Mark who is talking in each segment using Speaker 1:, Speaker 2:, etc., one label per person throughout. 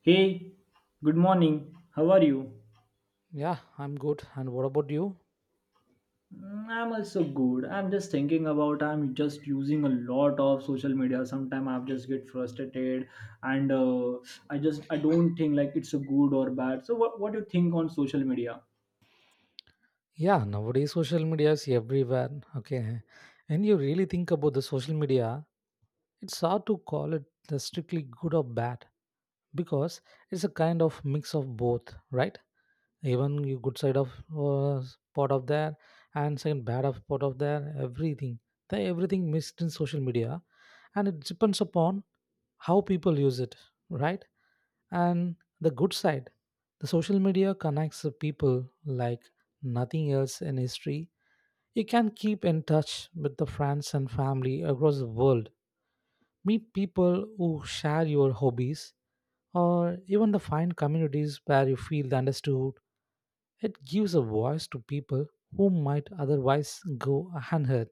Speaker 1: Hey, good morning. How are you?
Speaker 2: Yeah, I'm good. And what about you?
Speaker 1: I'm also good. I'm just using a lot of social media. Sometimes I just get frustrated and I don't think like it's a good or bad. So what do you think on social media?
Speaker 2: Yeah, nowadays social media is everywhere. Okay. And you really think about the social media, it's hard to call it the strictly good or bad because it's a kind of mix of both, right? Even you good side of uh, part of there and second bad of part of there, everything. They everything mixed in social media and it depends upon how people use it, right? And the good side, the social media connects the people like nothing else in history. You can keep in touch with the friends and family across the world, meet people who share your hobbies, or even the find communities where you feel understood. It gives a voice to people who might otherwise go unheard. At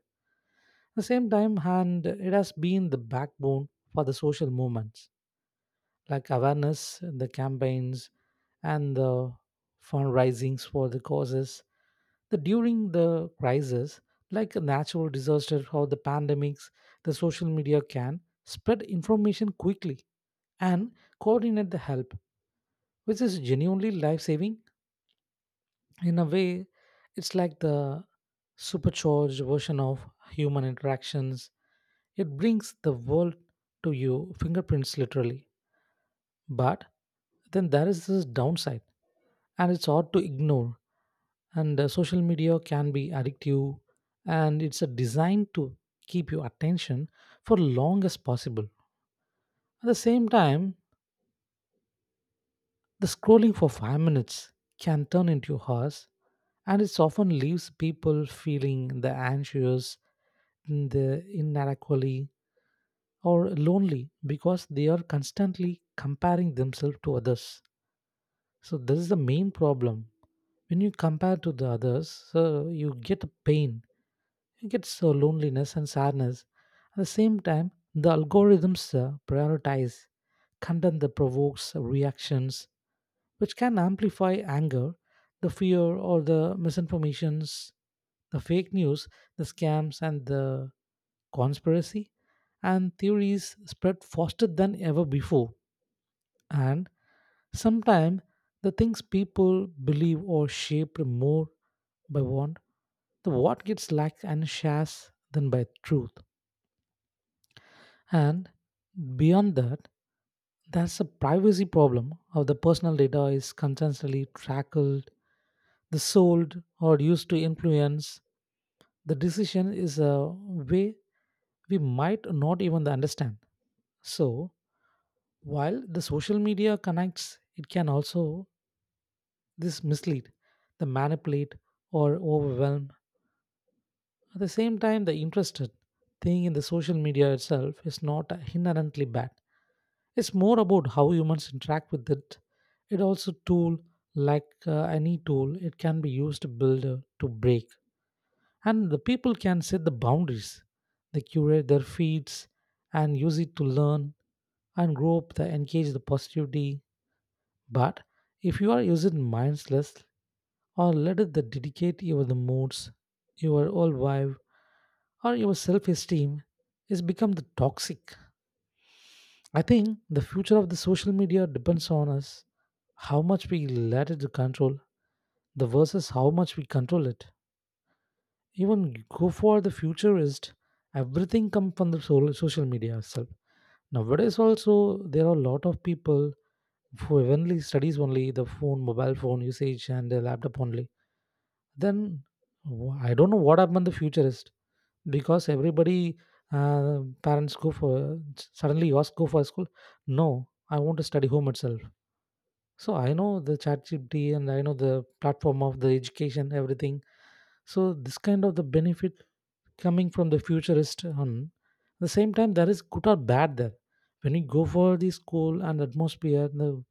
Speaker 2: the same time, and it has been the backbone for the social movements. Like awareness, the campaigns, and the fundraisings for the causes. The during the crisis, like a natural disaster or the pandemics, the social media can spread information quickly and coordinate the help, which is genuinely life saving. In a way, it's like the supercharged version of human interactions. It brings the world to you, fingerprints literally. But then there is this downside, and it's hard to ignore. And Social media can be addictive, and it's a designed to keep your attention for long as possible. At the same time, the scrolling for 5 minutes can turn into hours, and it often leaves people feeling the anxious, the inadequately, or lonely because they are constantly comparing themselves to others. So this is the main problem. When you compare to the others, so you get pain, you get so loneliness and sadness. At the same time, the algorithms prioritize content that provokes reactions, which can amplify anger, the fear, or the misinformations, the fake news, the scams, and the conspiracy and theories spread faster than ever before. And sometimes the things people believe are shaped more by what the what gets liked and shares than by truth. And beyond that, there's a privacy problem of the personal data is constantly tracked, the sold or used to influence the decision is a way we might not even understand. So while the social media connects, it can also this mislead, the manipulate or overwhelm. At the same time, the interested thing in the social media itself is not inherently bad. It's more about how humans interact with it. It also tool like any tool, it can be used to build to break, and the people can set the boundaries. They curate their feeds and use it to learn and grow up. They engage the positivity, but if you are using mindless or let it that dedicate your the moods, your whole vibe, or your self-esteem is become the toxic. I think the future of the social media depends on us, how much we let it to control, the versus how much we control it. Even go for the futurist, everything come from the social media itself. Nowadays also there are a lot of people who only studies only the phone, mobile phone usage and the laptop only. Then I don't know what happened the futurist because everybody parents go for suddenly yours go for school. No, I want to study home itself. So I know the chat GPT and I know the platform of the education, everything. So this kind of the benefit coming from the futurist on the same time there is good or bad there. When you go for the school and atmosphere, the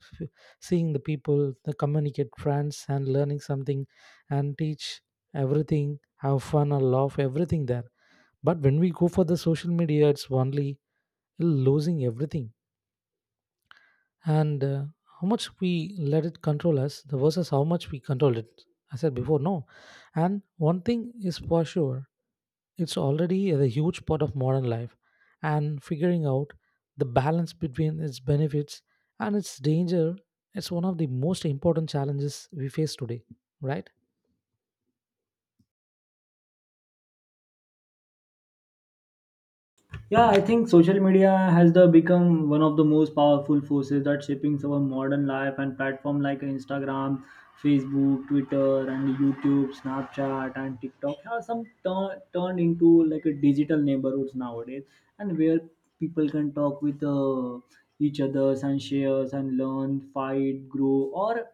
Speaker 2: seeing the people, the communicate friends, and learning something and teach everything, have fun or laugh, everything there. But when we go for the social media, it's only losing everything. And How much we let it control us versus how much we control it. I said before, no. And one thing is for sure it's already a huge part of modern life, and figuring out the balance between its benefits and its danger is one of the most important challenges we face today, right?
Speaker 1: Yeah, I think social media has the become one of the most powerful forces that shaping our modern life, and platform like Instagram, Facebook, Twitter, and YouTube, Snapchat, and TikTok have turned into like a digital neighborhoods nowadays, and where people can talk with each others and shares and learn, fight, grow, or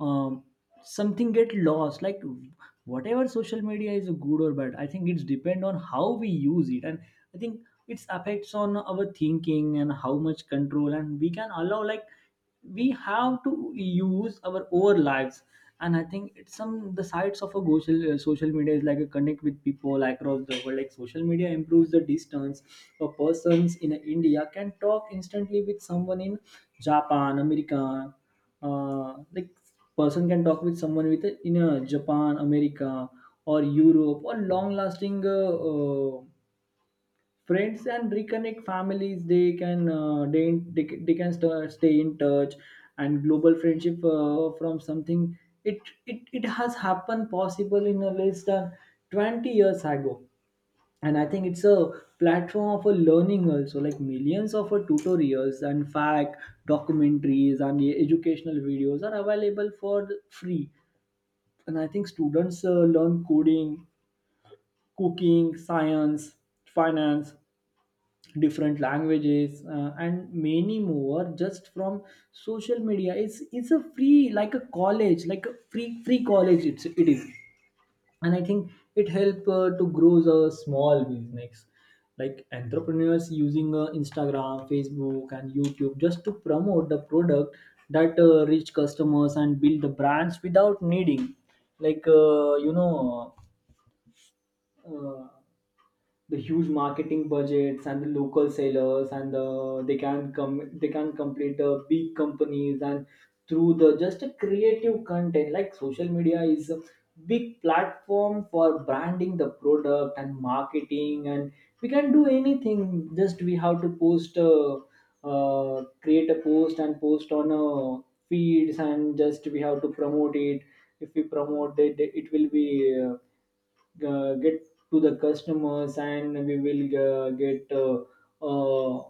Speaker 1: um, something get lost, like whatever social media is good or bad. I think it's depend on how we use it, and I think it's affects on our thinking and how much control and we can allow, like we have to use our own lives. And I think it's some the sides of a social media is like a connect with people like across the world, like social media improves the distance. A persons in India can talk instantly with someone in Japan, America, like person can talk with someone with in a Japan, America, or Europe, or long lasting friends, and reconnect families. They can they can stay in touch, and global friendship from something. it, it has happened possible in a less than 20 years ago. And I think it's a platform of a learning also, like millions of tutorials and fact documentaries and educational videos are available for free. And I think students learn coding, cooking, science, finance, different languages, and many more, just from social media. It's a free like a college, like a free college, it is. And I think it help to grow the small business, like entrepreneurs using Instagram, Facebook, and YouTube just to promote the product that reach customers and build the brands without needing, like uh, the huge marketing budgets. And the local sellers and they can come, they can complete the big companies, and through the just a creative content, like social media is a big platform for branding the product and marketing. And we can do anything, just we have to post create a post and post on feeds, and just we have to promote it. If we promote it, it will be get to the customers, and we will get uh,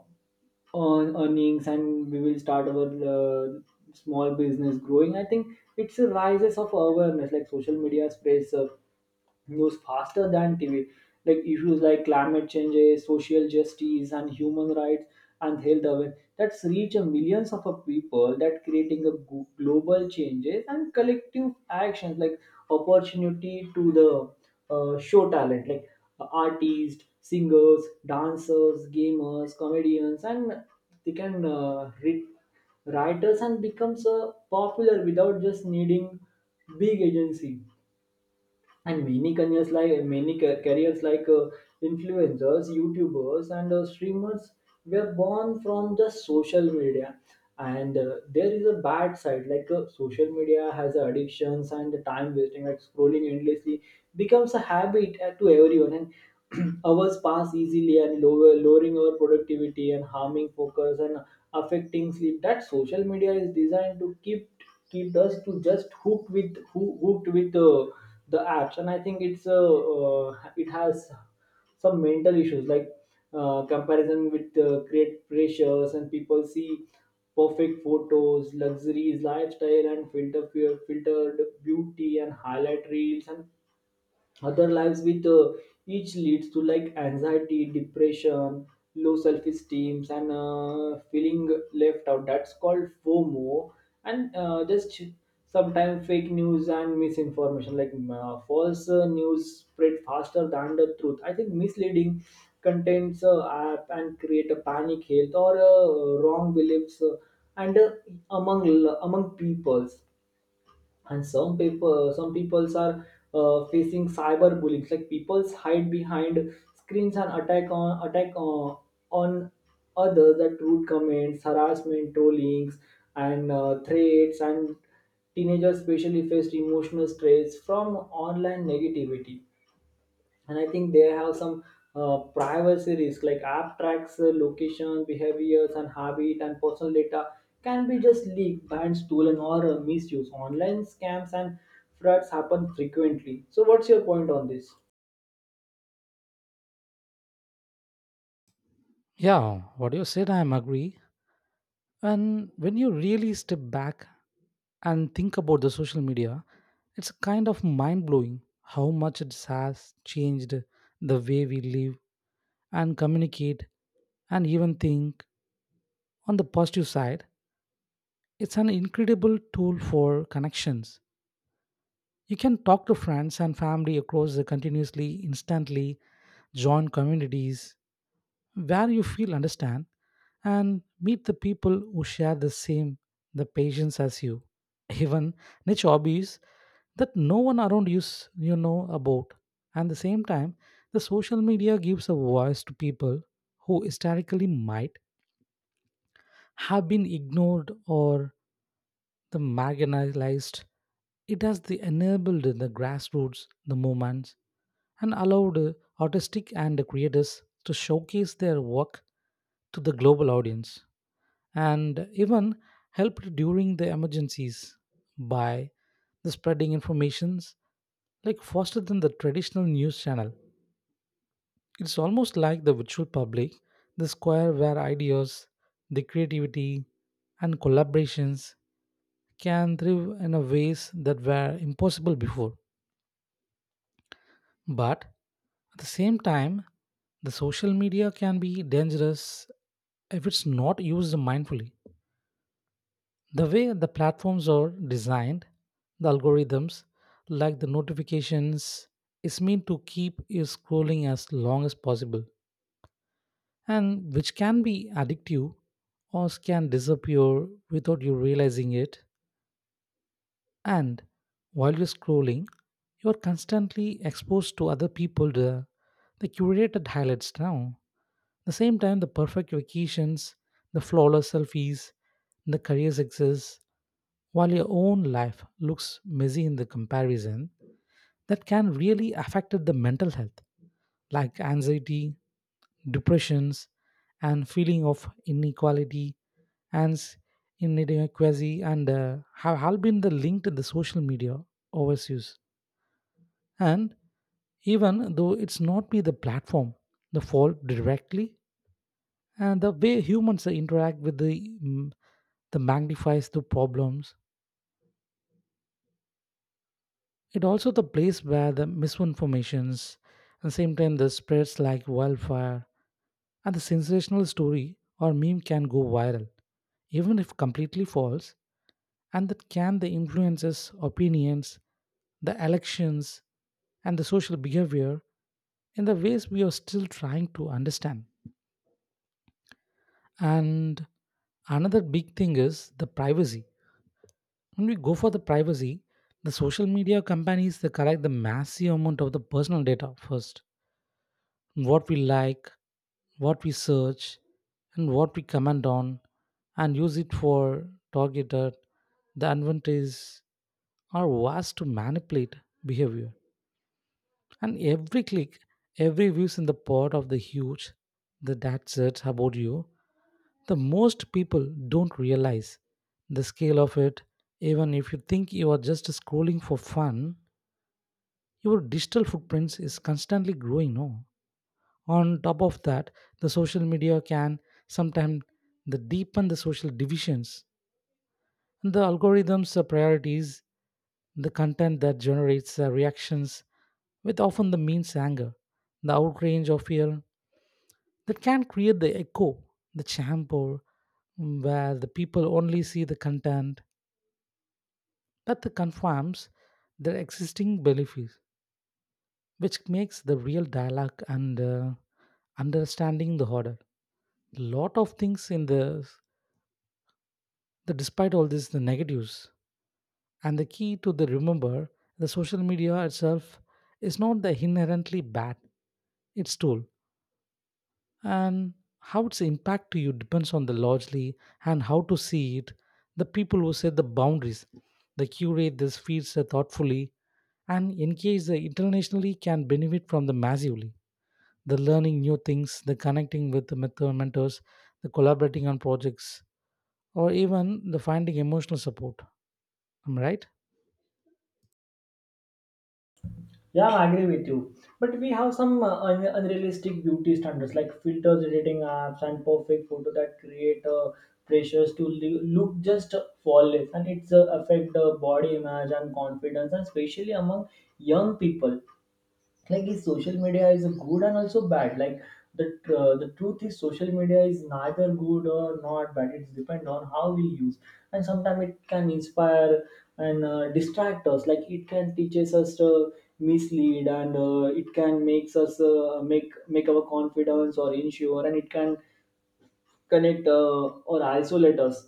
Speaker 1: earnings, and we will start our uh, small business growing. I think it's a rises of awareness, like social media spreads news faster than TV, like issues like climate change, social justice, and human rights, and health awareness, that's reach a millions of a people, that creating a global changes and collective actions, like opportunity to the show talent, like artists, singers, dancers, gamers, comedians, and they can read writers and becomes popular without just needing big agency. And many careers like careers like influencers, YouTubers, and streamers were born from the social media. And there is a bad side, like social media has addictions and the time wasting, like scrolling endlessly becomes a habit to everyone. And hours pass easily, and lowering our productivity and harming focus and affecting sleep, that social media is designed to keep us to just hooked with hooked with the apps. And I think it's it has some mental issues, like comparison with create pressures, and people see perfect photos, luxuries lifestyle, and filtered beauty and highlight reels, and other lives with each leads to like anxiety, depression, low self-esteem, and feeling left out, that's called FOMO. And just sometimes fake news and misinformation, like false news spread faster than the truth. I think misleading contents app and create a panic health or wrong beliefs, and among among peoples. And some people, some peoples are facing cyberbullying, like peoples hide behind screens and attack on others, that rude comments, harassment, trollings, and threats. And teenagers especially face emotional stress from online negativity. And I think they have some privacy risk, like app tracks location, behaviors, and habit, and personal data can be just leaked, banned, stolen, or misused online scams and frauds happen frequently. So what's your point on this?
Speaker 2: Yeah, what you said, I am agree. And when you really step back and think about the social media, it's kind of mind blowing how much it has changed the way we live and communicate and even think on the positive side. It's an incredible tool for connections. You can talk to friends and family across the continuously, instantly, join communities where you feel understand and meet the people who share the same the patience as you. Even niche hobbies that no one around you you know about. At the same time, the social media gives a voice to people who historically might have been ignored or the marginalized. It has the enabled the grassroots, the movements, and allowed artistic and creators to showcase their work to the global audience and even helped during the emergencies by the spreading informations like faster than the traditional news channel. It's almost like the virtual public the square where ideas the creativity and collaborations can thrive in a ways that were impossible before. But at the same time, the social media can be dangerous if it's not used mindfully. The way the platforms are designed, the algorithms, like the notifications, is meant to keep you scrolling as long as possible, and which can be addictive or can disappear without you realizing it. And while you're scrolling, you're constantly exposed to other people, the curated highlights now. The same time, the perfect vacations, the flawless selfies, the career success, while your own life looks messy in the comparison, that can really affect the mental health, like anxiety, depressions, and feeling of inequality and in inadequacy and have all been the linked to the social media overuse. And even though it's not be the platform the fault directly and the way humans interact with the the magnifies the problems. It also the place where the misinformations and same time the spreads like wildfire and the sensational story or meme can go viral even if completely false, and that can the influences opinions the elections and the social behavior in the ways we are still trying to understand. And another big thing is the privacy. When we go for the privacy, the social media companies they collect the massive amount of the personal data first. What we like, what we search, and what we comment on and use it for targeted the advantages are vast to manipulate behavior, and every click every views in the part of the huge the that says about you. The most people don't realize the scale of it. Even if you think you are just scrolling for fun, your digital footprints is constantly growing no. On top of that, the social media can sometimes the deepen the social divisions. The algorithms priorities the content that generates reactions with often the means anger the outrage of fear that can create the echo the chamber where the people only see the content that the confirms their existing beliefs, which makes the real dialogue and understanding the harder. Lot of things in the. The, despite all this, the negatives and the key to the remember the social media itself is not the inherently bad, its tool and how its impact to you depends on the largely and how to see it, the people who set the boundaries, they curate these feeds thoughtfully and engage the internationally can benefit from the massively. The learning new things, the connecting with the mentors, the collaborating on projects, or even the finding emotional support. Am I right?
Speaker 1: Yeah, I agree with you. But we have some unrealistic beauty standards, like filters, editing apps, and perfect photo that create pressures to look just flawless, and it's affect the body image and confidence, and especially among young people. Like is social media is good and also bad, like the the truth is social media is neither good or not bad, it's depend on how we use. And sometimes it can inspire and distract us, like it can teaches us to mislead, and it can makes us make our confidence or insure, and it can connect or isolate us.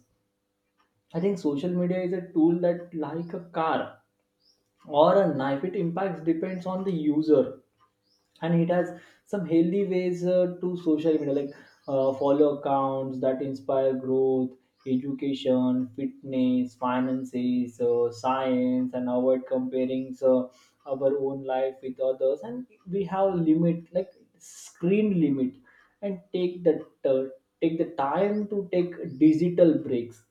Speaker 1: I think social media is a tool, that like a car or a knife, it impacts depends on the user. And it has some healthy ways to social media, like follow accounts that inspire growth, education, fitness, finances, science, and avoid comparing so our own life with others. And we have limit, like screen limit, and take the time to take digital breaks.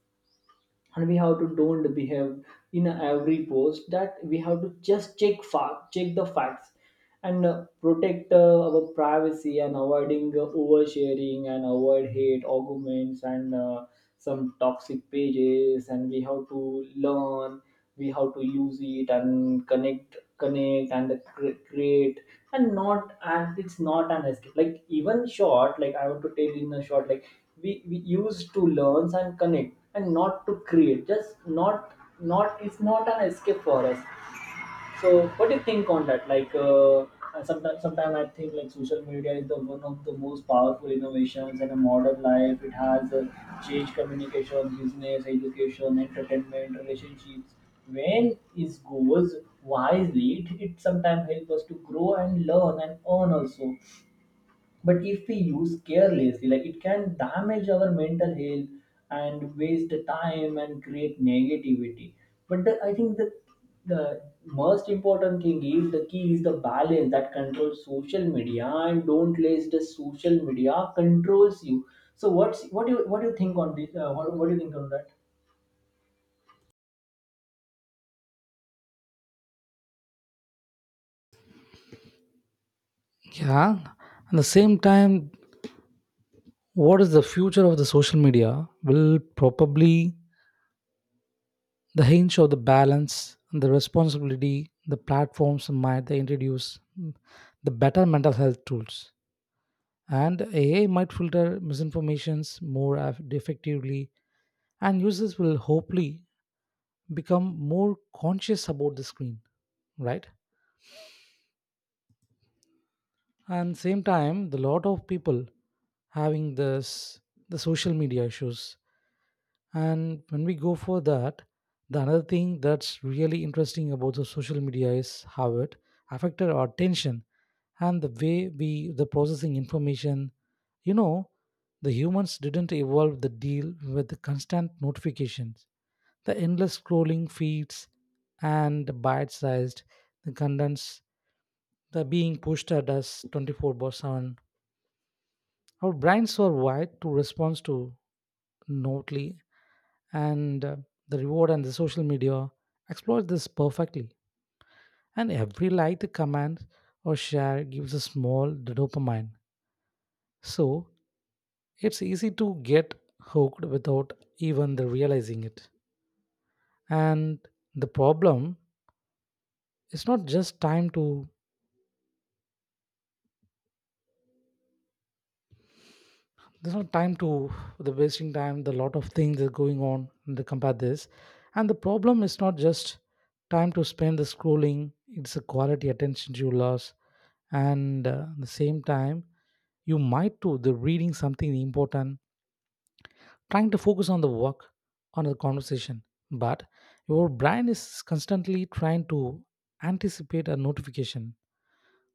Speaker 1: And we have to don't behave in every post, that we have to just check fact check the facts, and protect our privacy, and avoiding oversharing, and avoid hate arguments and some toxic pages. And we have to learn, we have to use it and connect and create, and not, and it's not an escape, like even short, like I want to tell in a short, like we used to learn and connect and not to create, just not, it's not an escape for us. So what do you think on that? Like, sometimes I think like social media is the one of the most powerful innovations in a modern life. It has changed communication, business, education, entertainment, relationships. When it goes wisely, it sometimes helps us to grow and learn and earn also. But if we use carelessly, like it can damage our mental health and waste the time and create negativity. But I think the most important thing is the key is the balance, that controls social media and don't let the social media controls you. So what do you think on this? What do you think on that?
Speaker 2: Yeah. At the same time, what is the future of the social media will probably the hinge of the balance and the responsibility the platforms might they introduce the better mental health tools, and AI might filter misinformations more effectively, and users will hopefully become more conscious about the screen, right? And same time the lot of people having this the social media issues. And when we go for that, the another thing that's really interesting about the social media is how it affected our attention and the way we the processing information you know the humans didn't evolve the deal with the constant notifications, the endless scrolling feeds, and bite-sized the contents the being pushed at us 24 by 7. Our brains are wired to respond to notely, and the reward and the social media exploits this perfectly, and every like comment or share gives a small dopamine. So it's easy to get hooked without even the realizing it. And the problem is not just time to there's no time to the wasting time the lot of things are going on in the compare this. And the problem is not just time to spend the scrolling, it's a quality attention you lost. And at the same time, you might do the reading something important, trying to focus on the work, on the conversation, but your brain is constantly trying to anticipate a notification,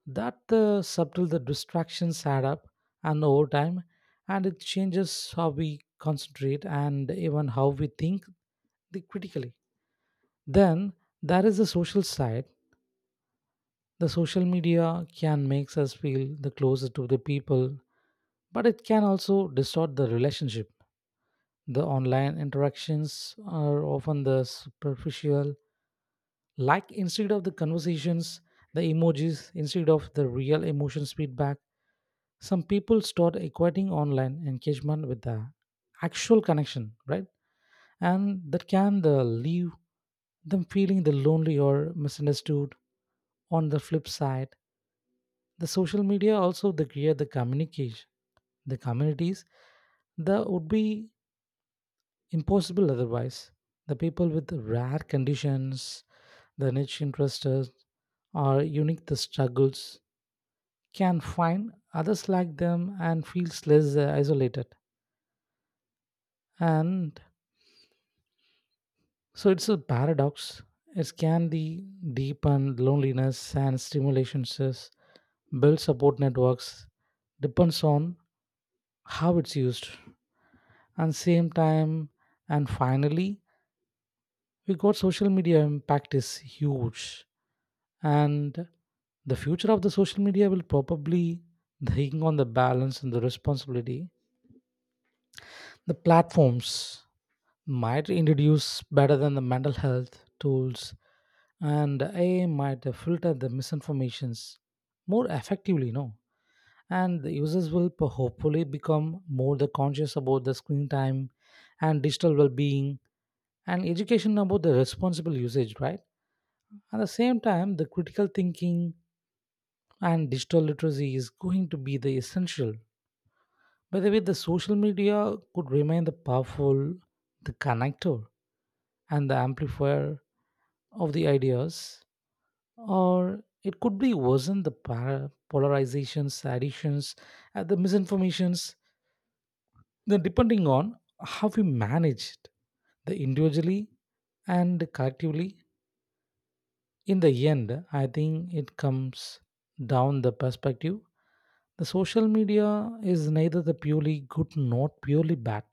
Speaker 2: that the subtle the distractions add up and over time, and it changes how we concentrate and even how we think the critically. Then there is the social side. The social media can makes us feel the closer to the people, but it can also distort the relationship. The online interactions are often the superficial, like instead of the conversations, the emojis instead of the real emotions feedback. Some people start equating online engagement with the actual connection, right? And that can leave them feeling the lonely or misunderstood. On the flip side, the social media also they create the communication, the communities that would be impossible otherwise. The people with rare conditions, the niche interests, or unique the struggles can find others like them and feels less isolated. And so it's a paradox. It can the deepen loneliness and stimulations, build support networks, depends on how it's used. And same time, and finally, we got social media impact is huge. And the future of the social media will probably hang on the balance and the responsibility. The platforms might introduce better than the mental health tools, and AI might filter the misinformations more effectively, no? And the users will hopefully become more the conscious about the screen time and digital well-being and education about the responsible usage, right? At the same time, the critical thinking and digital literacy is going to be the essential. By the way, the social media could remain the powerful, the connector and the amplifier of the ideas, or it could be worsen the polarizations, additions, and the misinformations, then depending on how we manage it, the individually and collectively. In the end, I think it comes down the perspective. The social media is neither the purely good nor purely bad.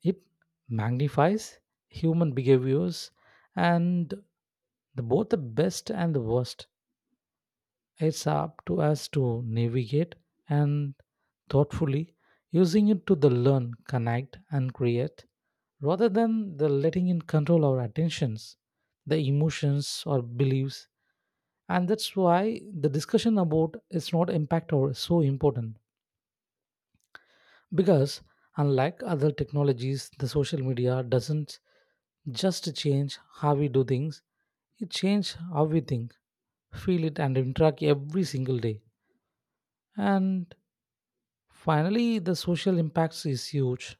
Speaker 2: It magnifies human behaviors and the, both the best and the worst. It's up to us to navigate and thoughtfully using it to the learn, connect, and create rather than the letting it control our attentions, the emotions or beliefs. And that's why the discussion about its not impact or so important, because unlike other technologies, the social media doesn't just change how we do things, it changes how we think, feel it and interact every single day. And finally, the social impacts is huge.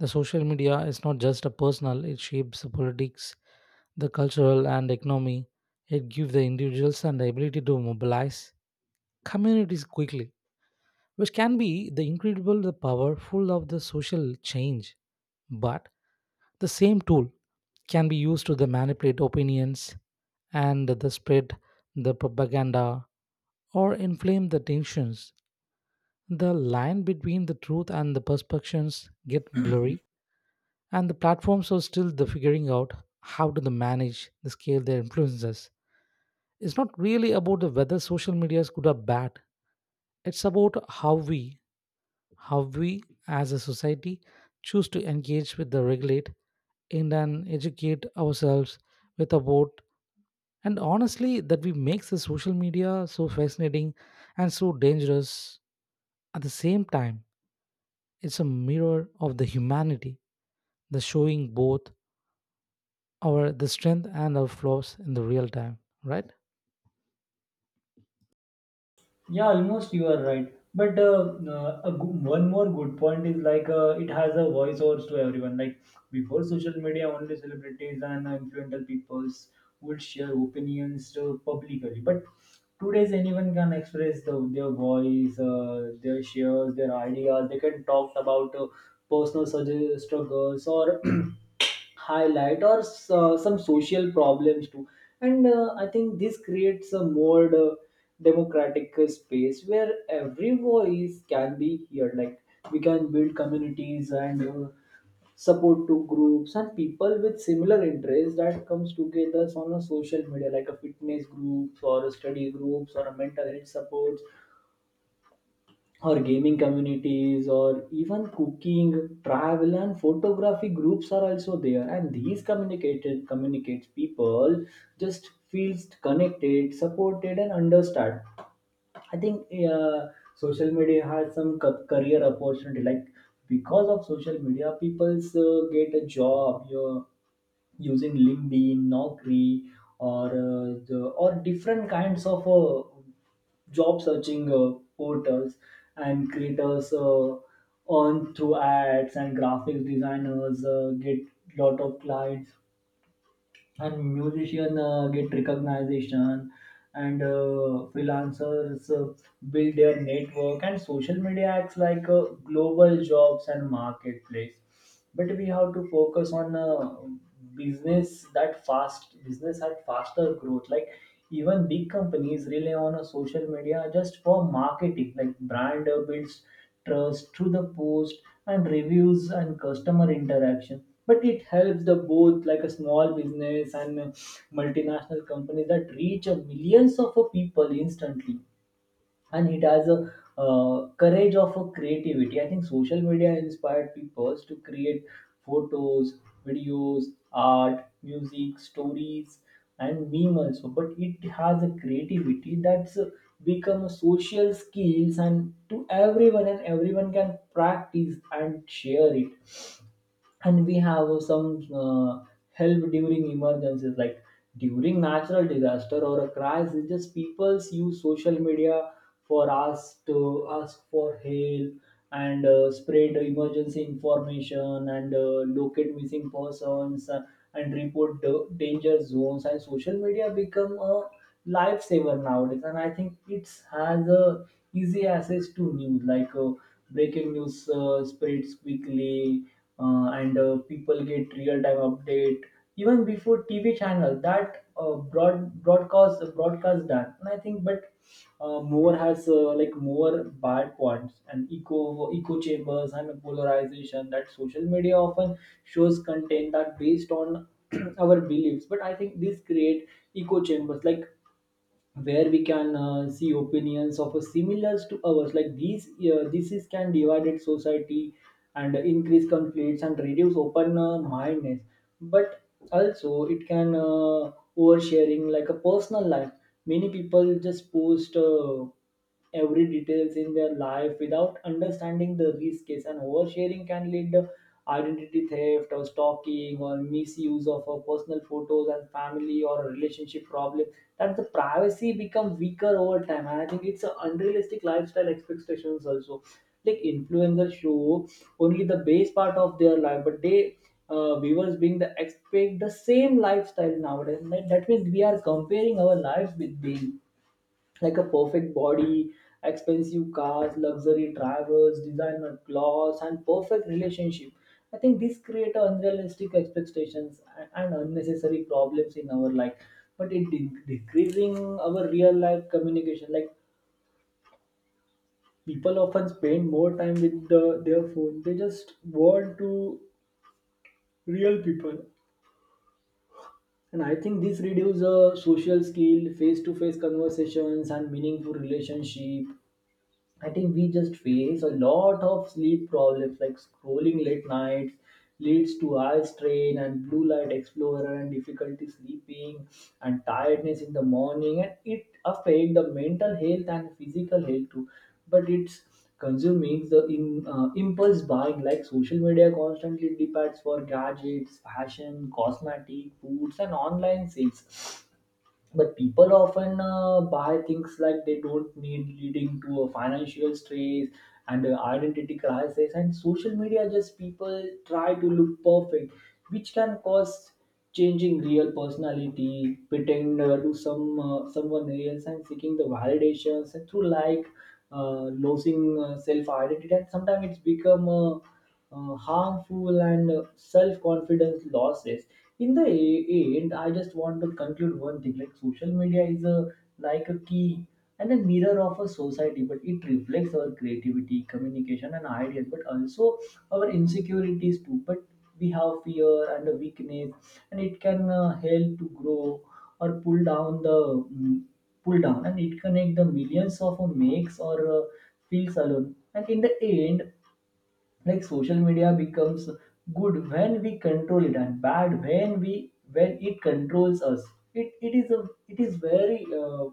Speaker 2: The social media is not just a personal, it shapes the politics, the cultural and economy. It gives the individuals and the ability to mobilize communities quickly, which can be the incredible the powerful of the social change. But the same tool can be used to the manipulate opinions and the spread the propaganda or inflame the tensions. The line between the truth and the perceptions get blurry, and the platforms are still the figuring out how to the manage the scale their influences. It's not really about the whether social media is good or bad, it's about how we as a society choose to engage with the regulate and then educate ourselves with about. And honestly that we makes the social media so fascinating and so dangerous at the same time. It's a mirror of the humanity, the showing both our the strength and our flaws in the real time, right?
Speaker 1: Yeah, almost you are right. But one more good point is like it has a voiceovers to everyone. Like before social media, only celebrities and influential peoples would share opinions publicly. But today's anyone can express their voice, their shares, their ideas. They can talk about personal struggles, or highlight, or some social problems too. And I think this creates a more democratic space, where every voice can be heard, like we can build communities, and support to groups and people with similar interests that comes together on a social media, like a fitness groups or a study groups or a mental health support or gaming communities, or even cooking, travel, and photography groups are also there. And these communicated communicates people just feels connected, supported, and understand. I think uh, social media has some career opportunity, like because of social media people's get a job, you using LinkedIn, Naukri, or or different kinds of job searching portals. And creators earn through ads, and graphics designers get lot of clients, and musicians get recognition, and freelancers build their network, and social media acts like global jobs and marketplace. But we have to focus on business at faster growth, like even big companies rely on a social media just for marketing, like brand builds trust through the post and reviews and customer interaction. But it helps the both, like a small business and multinational companies, that reach millions of people instantly. And it has a courage of a creativity. I think social media inspired people to create photos, videos, art, music, stories, and meme also. But it has a creativity that's become a social skills and to everyone, and everyone can practice and share it. And we have some help during emergencies, like during natural disaster or a crisis, just people use social media for us to ask for help and spread emergency information and locate missing persons and report the danger zones, and social media become a lifesaver nowadays. And I think it has a easy access to news, like breaking news spreads quickly and people get real-time update even before TV channel that broadcast that. And I think, but more has like more bad points, and echo chambers and polarization, that social media often shows content that based on our beliefs. But I think this create echo chambers, like where we can see opinions of a similars to ours, like these this is can divided society and increase conflicts and reduce open mindedness. But also it can oversharing, like a personal life. Many people just post every details in their life without understanding the risks, and oversharing can lead to identity theft or stalking or misuse of our personal photos and family or a relationship problem, that the privacy becomes weaker over time. And I think it's an unrealistic lifestyle expectations also, like influencers show only the base part of their life, but they viewers being the expect the same lifestyle nowadays, that means we are comparing our lives with them, like a perfect body, expensive cars, luxury travels, designer clothes, and perfect relationship. I think these create unrealistic expectations and unnecessary problems in our life. But it decreasing our real life communication. Like people often spend more time with their phone. They just want to real people. And I think this reduces social skill, face-to-face conversations, and meaningful relationship. I think we just face a lot of sleep problems, like scrolling late nights leads to eye strain and blue light explorer and difficulty sleeping and tiredness in the morning, and it affect the mental health and physical health too. But it's consuming the impulse buying, like social media constantly depends for gadgets fashion cosmetic foods and online sales, but people often buy things like they don't need, leading to a financial stress and a identity crisis. And social media, just people try to look perfect, which can cause changing real personality, pretend to someone else, and seeking the validations and through like losing self identity, and sometimes it's become harmful and self-confidence losses. In the end, I just want to conclude one thing, like social media is a like a key and a mirror of a society, but it reflects our creativity communication and ideas, but also our insecurities too. But we have fear and a weakness, and it can help to grow or pull down, and it connect the millions of makes or feels alone. And in the end, like social media becomes good when we control it, and bad when we when it controls us. It is very uh,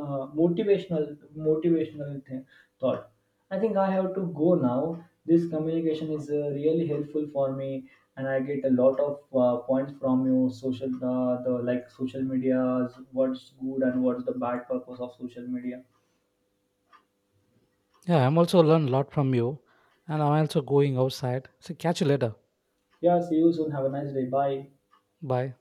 Speaker 1: uh, motivational thing, thought. I think I have to go now. This communication is really helpful for me, and I get a lot of points from you. Social the like social media's what's good and what's the bad purpose of social media.
Speaker 2: Yeah, I'm also learned a lot from you, and I'm also going outside, so catch you later.
Speaker 1: Yeah, see you soon. Have a nice day. Bye.
Speaker 2: Bye.